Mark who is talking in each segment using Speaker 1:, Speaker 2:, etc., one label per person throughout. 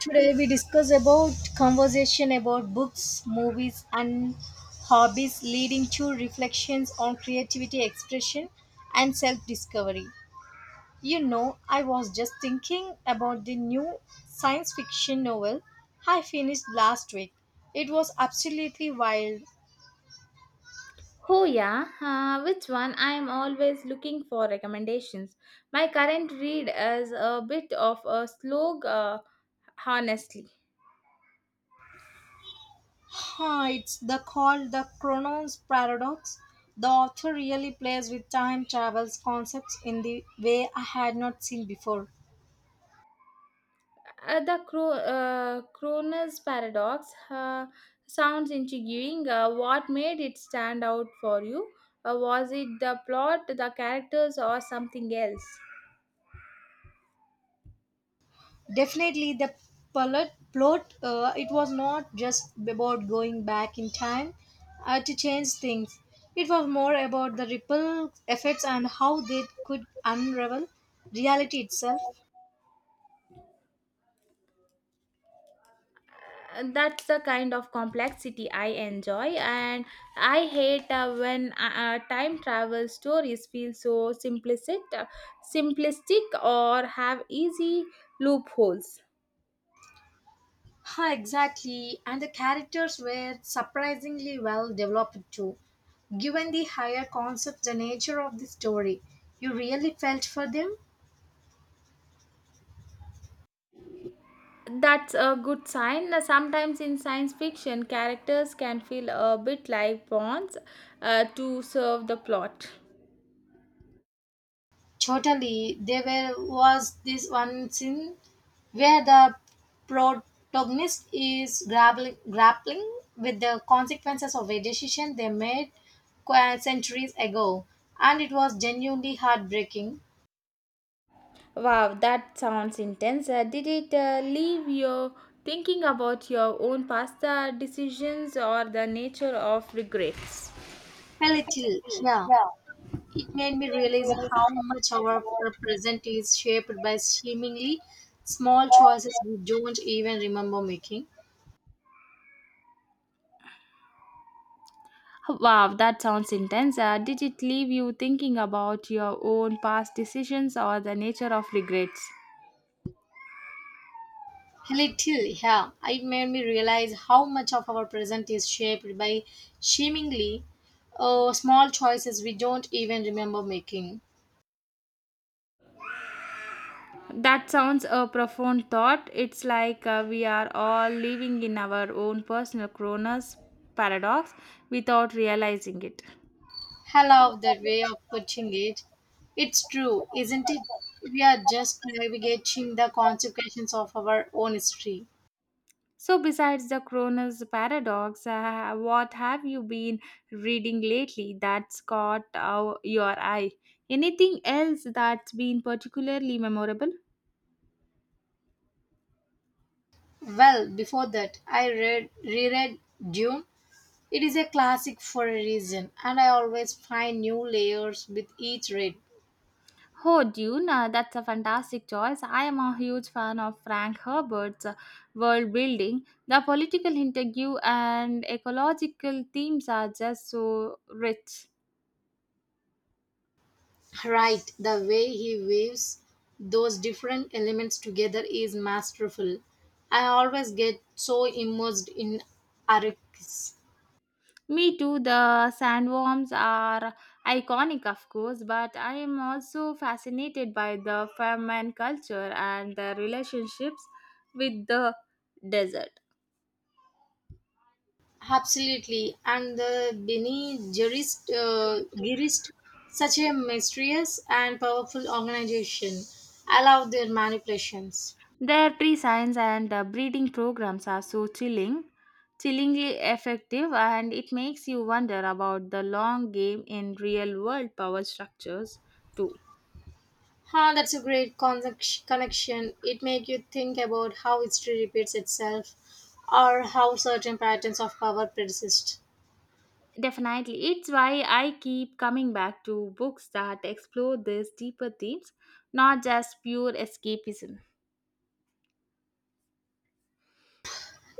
Speaker 1: Today we discuss about conversation about books, movies and hobbies leading to reflections on creativity, expression and self-discovery. You know, I was just thinking about the new science fiction novel I finished last week. It was absolutely wild.
Speaker 2: Oh, yeah. Which one? I am always looking for recommendations. My current read is a bit of a slog, honestly.
Speaker 1: Huh, it's the called the Chronos Paradox. The author really plays with time travels concepts in the way I had not seen before.
Speaker 2: Kroner's Paradox sounds intriguing. What made it stand out for you? Was it the plot, the characters, or something else?
Speaker 1: Definitely, the plot. It was not just about going back in time to change things. It was more about the ripple effects and how they could unravel reality itself.
Speaker 2: And that's the kind of complexity I enjoy, and I hate when time travel stories feel so simplistic, simplistic or have easy loopholes.
Speaker 1: Ha, exactly, and the characters were surprisingly well developed too. Given the higher concept, the nature of the story, you really felt for them.
Speaker 2: That's a good sign. Sometimes in science fiction, characters can feel a bit like pawns to serve the plot.
Speaker 1: Totally, was this one scene where the protagonist is grappling with the consequences of a decision they made centuries ago, and it was genuinely heartbreaking.
Speaker 2: Wow, that sounds intense. Did it leave you thinking about your own past decisions or the nature of regrets?
Speaker 1: A little, yeah. It made me realize how much our present is shaped by seemingly small choices we don't even remember making.
Speaker 2: Wow, that sounds intense. Did it leave you thinking about your own past decisions or the nature of regrets?
Speaker 1: A little, yeah. It made me realize how much of our present is shaped by seemingly small choices we don't even remember making.
Speaker 2: That sounds a profound thought. It's like we are all living in our own personal Cronus paradox without realizing it.
Speaker 1: I love that way of putting it. It's true, isn't it? We are just navigating the consequences of our own history.
Speaker 2: So, besides the Kronos paradox, what have you been reading lately that's caught your eye? Anything else that's been particularly memorable?
Speaker 1: Well, before that, I read reread Dune. It is a classic for a reason, and I always find new layers with each read.
Speaker 2: Oh, Dune, that's a fantastic choice. I am a huge fan of Frank Herbert's world building. The political interview and ecological themes are just so rich.
Speaker 1: Right, the way he weaves those different elements together is masterful. I always get so immersed in Arrakis.
Speaker 2: Me too, the sandworms are iconic, of course, but I am also fascinated by the farmland culture and their relationships with the desert.
Speaker 1: Absolutely, and the Bene Gerist, such a mysterious and powerful organization. I love their manipulations.
Speaker 2: Their tree science and the breeding programs are so chillingly effective, and it makes you wonder about the long game in real world power structures, too.
Speaker 1: Huh, that's a great connection. It makes you think about how history repeats itself or how certain patterns of power persist.
Speaker 2: Definitely. It's why I keep coming back to books that explore these deeper themes, not just pure escapism.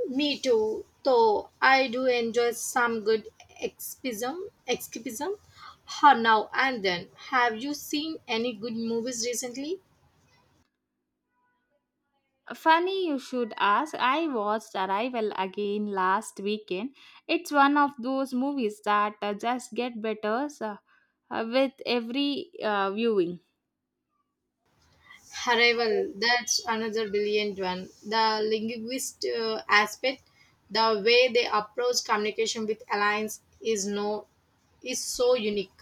Speaker 1: Me too, though I do enjoy some good escapism, escapism or now and then. Have you seen any good movies recently?
Speaker 2: Funny you should ask, I watched Arrival again last weekend. It's one of those movies that just get better with every viewing.
Speaker 1: Arrival, that's another brilliant one. The linguist aspect, the way they approach communication with alliance is no is so unique.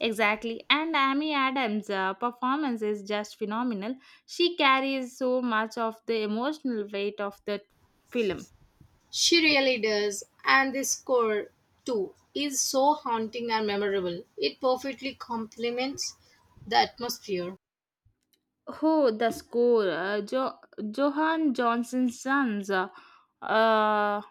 Speaker 2: Exactly. And Amy Adams' performance is just phenomenal. She carries so much of the emotional weight of the film.
Speaker 1: She really does, and the score too is so haunting and memorable. It perfectly complements the atmosphere.
Speaker 2: Who the score. Johan Johnson's sons. Uh,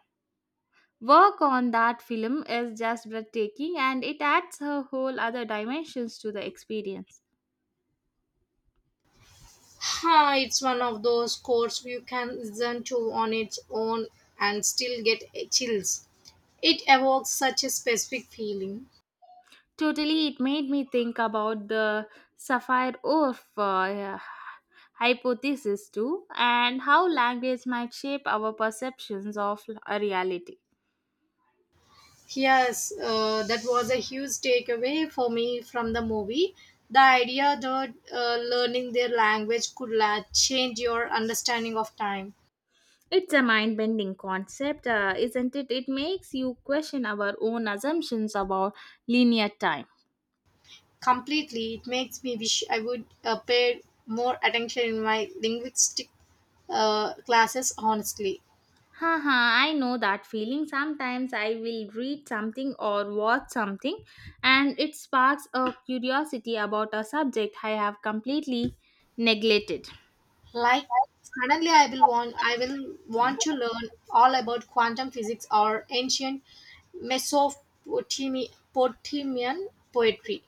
Speaker 2: work on that film is just breathtaking and it adds a whole other dimensions to the experience.
Speaker 1: Huh, it's one of those courses you can listen to on its own and still get chills. It evokes such a specific feeling.
Speaker 2: Totally, it made me think about the sapphire Orf hypothesis too and how language might shape our perceptions of a reality.
Speaker 1: Yes, that was a huge takeaway for me from the movie. The idea that learning their language could change your understanding of time
Speaker 2: It's a mind bending concept, isn't it? It makes you question our own assumptions about linear time.
Speaker 1: completely. It makes me wish I would pay more attention in my linguistic classes, honestly.
Speaker 2: Haha, I know that feeling. Sometimes I will read something or watch something, and it sparks a curiosity about a subject I have completely neglected.
Speaker 1: Like suddenly I will want to learn all about quantum physics or ancient Mesopotamian poetry.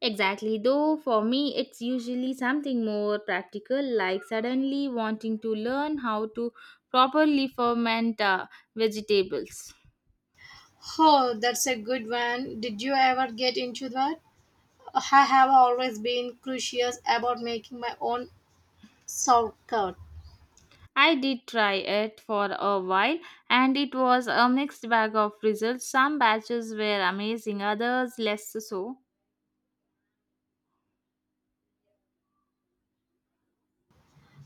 Speaker 2: Exactly, though, for me, it's usually something more practical, like suddenly wanting to learn how to properly ferment vegetables.
Speaker 1: Oh, that's a good one. Did you ever get into that? I have always been curious about making my own sauerkraut.
Speaker 2: I did try it for a while and it was a mixed bag of results. Some batches were amazing, others less so.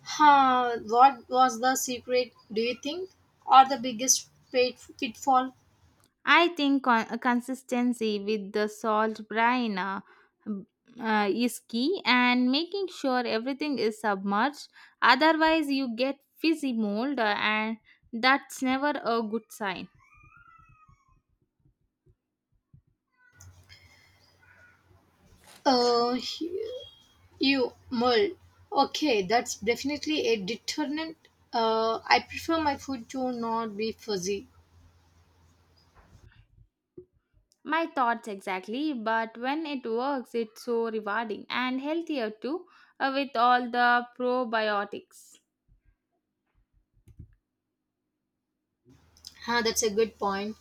Speaker 1: Huh, what was the secret, do you think? Or the biggest pitfall?
Speaker 2: I think consistency with the salt brine is key and making sure everything is submerged. Otherwise, you get fizzy mold and that's never a good sign.
Speaker 1: Uh, You mull. Okay, that's definitely a deterrent. I prefer my food to not be fuzzy.
Speaker 2: My thoughts exactly, but when it works, it's so rewarding and healthier too with all the probiotics.
Speaker 1: Huh, that's a good point.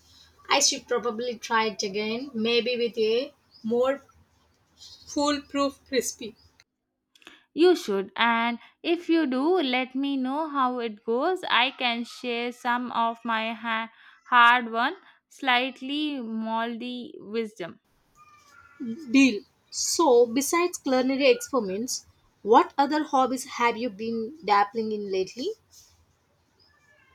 Speaker 1: I should probably try it again, maybe with a more foolproof crispy
Speaker 2: You should, and if you do, let me know how it goes. I can share some of my hard won, slightly moldy wisdom.
Speaker 1: deal. So, besides culinary experiments, what other hobbies have you been dabbling in lately?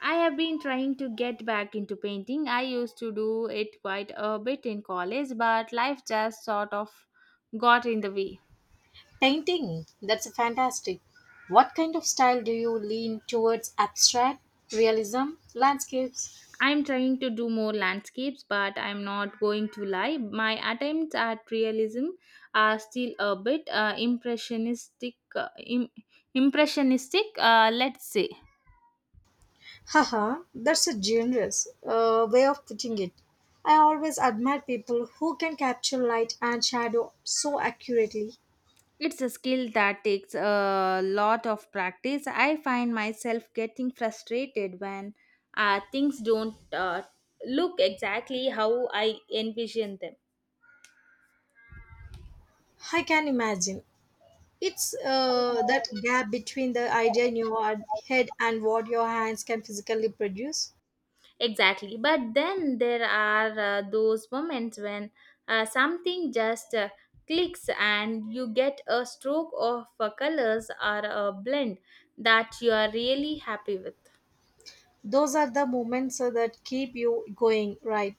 Speaker 2: I have been trying to get back into painting. I used to do it quite a bit in college, but life just sort of got in the way.
Speaker 1: Painting. That's fantastic. What kind of style do you lean towards? Abstract, realism, landscapes?
Speaker 2: I'm trying to do more landscapes, but I'm not going to lie. My attempts at realism are still a bit impressionistic. Impressionistic, let's say.
Speaker 1: Haha, that's a generous way of putting it. I always admire people who can capture light and shadow so accurately.
Speaker 2: It's a skill that takes a lot of practice. I find myself getting frustrated when things don't look exactly how I envision them.
Speaker 1: I can imagine. It's that gap between the idea in your head and what your hands can physically produce.
Speaker 2: Exactly. But then there are those moments when something just clicks and you get a stroke of colors or a blend that you are really happy with.
Speaker 1: Those are the moments that keep you going, right?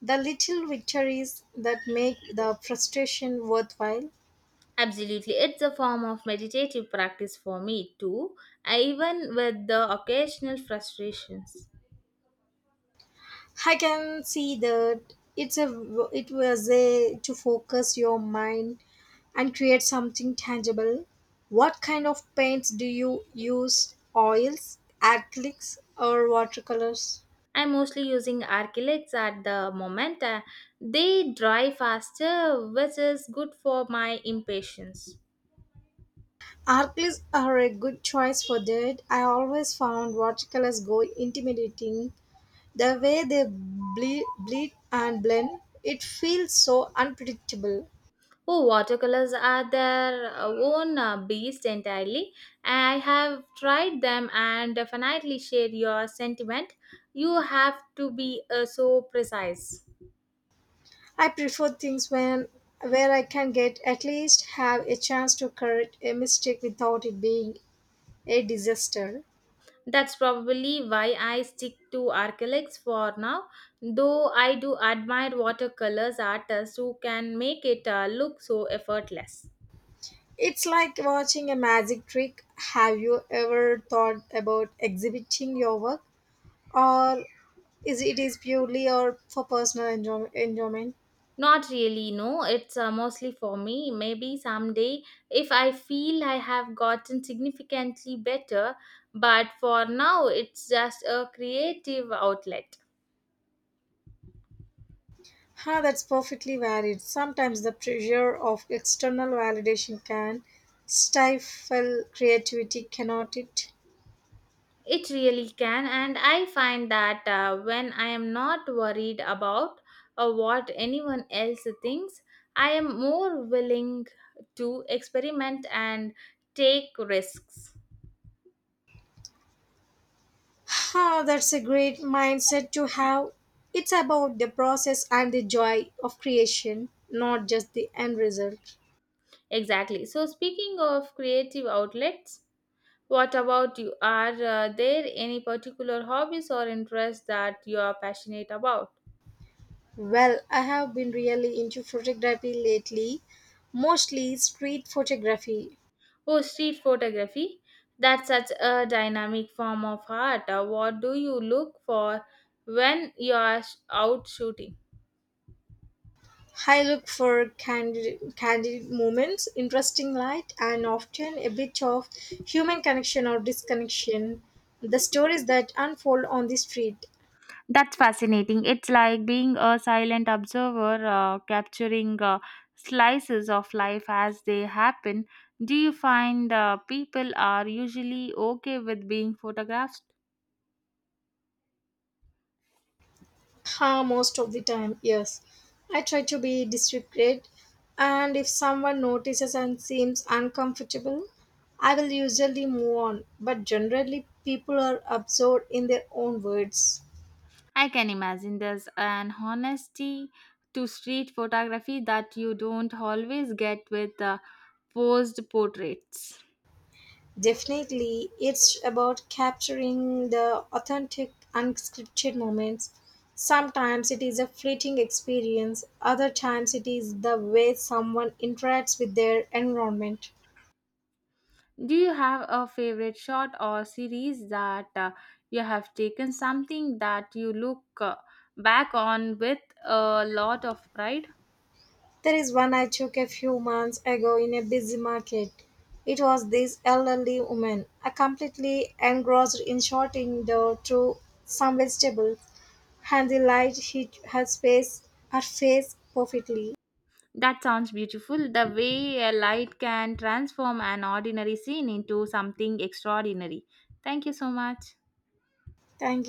Speaker 1: The little victories that make the frustration worthwhile.
Speaker 2: Absolutely. It's a form of meditative practice for me too, even with the occasional frustrations.
Speaker 1: I can see that it's a it was a to focus your mind and create something tangible. What kind of paints do you use? Oils, acrylics, or watercolors?
Speaker 2: I'm mostly using Archilix at the moment. They dry faster, which is good for my impatience.
Speaker 1: Acrylics are a good choice for that. I always found watercolors go intimidating. The way they bleed and blend, it feels so unpredictable.
Speaker 2: Oh, watercolors are their own beast entirely. I have tried them and definitely share your sentiment. You have to be so precise.
Speaker 1: I prefer things when where I can get at least have a chance to correct a mistake without it being a disaster.
Speaker 2: That's probably why I stick to acrylics for now, though I do admire watercolors artists who can make it look so effortless.
Speaker 1: It's like watching a magic trick. Have you ever thought about exhibiting your work or is it is purely or for personal enjoyment?
Speaker 2: Not really, no. It's mostly for me. Maybe someday if I feel I have gotten significantly better, but for now it's just a creative outlet.
Speaker 1: Ha, that's perfectly valid. Sometimes the pressure of external validation can stifle creativity, cannot it?
Speaker 2: It really can, and I find that when I am not worried about what anyone else thinks, I am more willing to experiment and take risks.
Speaker 1: Ah, that's a great mindset to have. It's about the process and the joy of creation, not just the end result.
Speaker 2: Exactly. So, speaking of creative outlets, what about you? Are there any particular hobbies or interests that you are passionate about?
Speaker 1: Well, I have been really into photography lately, mostly street photography.
Speaker 2: Oh, street photography. That's such a dynamic form of art. What do you look for when you are out shooting?
Speaker 1: I look for candid moments, interesting light, and often a bit of human connection or disconnection. The stories that unfold on the street.
Speaker 2: That's fascinating. It's like being a silent observer, capturing slices of life as they happen. Do you find people are usually okay with being photographed?
Speaker 1: Ha, most of the time, yes. I try to be discreet, and if someone notices and seems uncomfortable, I will usually move on. But generally, people are absorbed in their own words.
Speaker 2: I can imagine there's an honesty to street photography that you don't always get with posed portraits.
Speaker 1: Definitely, it's about capturing the authentic, unscripted moments. Sometimes it is a fleeting experience, other times it is the way someone interacts with their environment.
Speaker 2: Do you have a favorite shot or series that you have taken something that you look back on with a lot of pride?
Speaker 1: There is one I took a few months ago in a busy market. It was this elderly woman, a completely engrossed in through some vegetables, and the light hit her face perfectly.
Speaker 2: That sounds beautiful. The way a light can transform an ordinary scene into something extraordinary. Thank you so much.
Speaker 1: Thank you.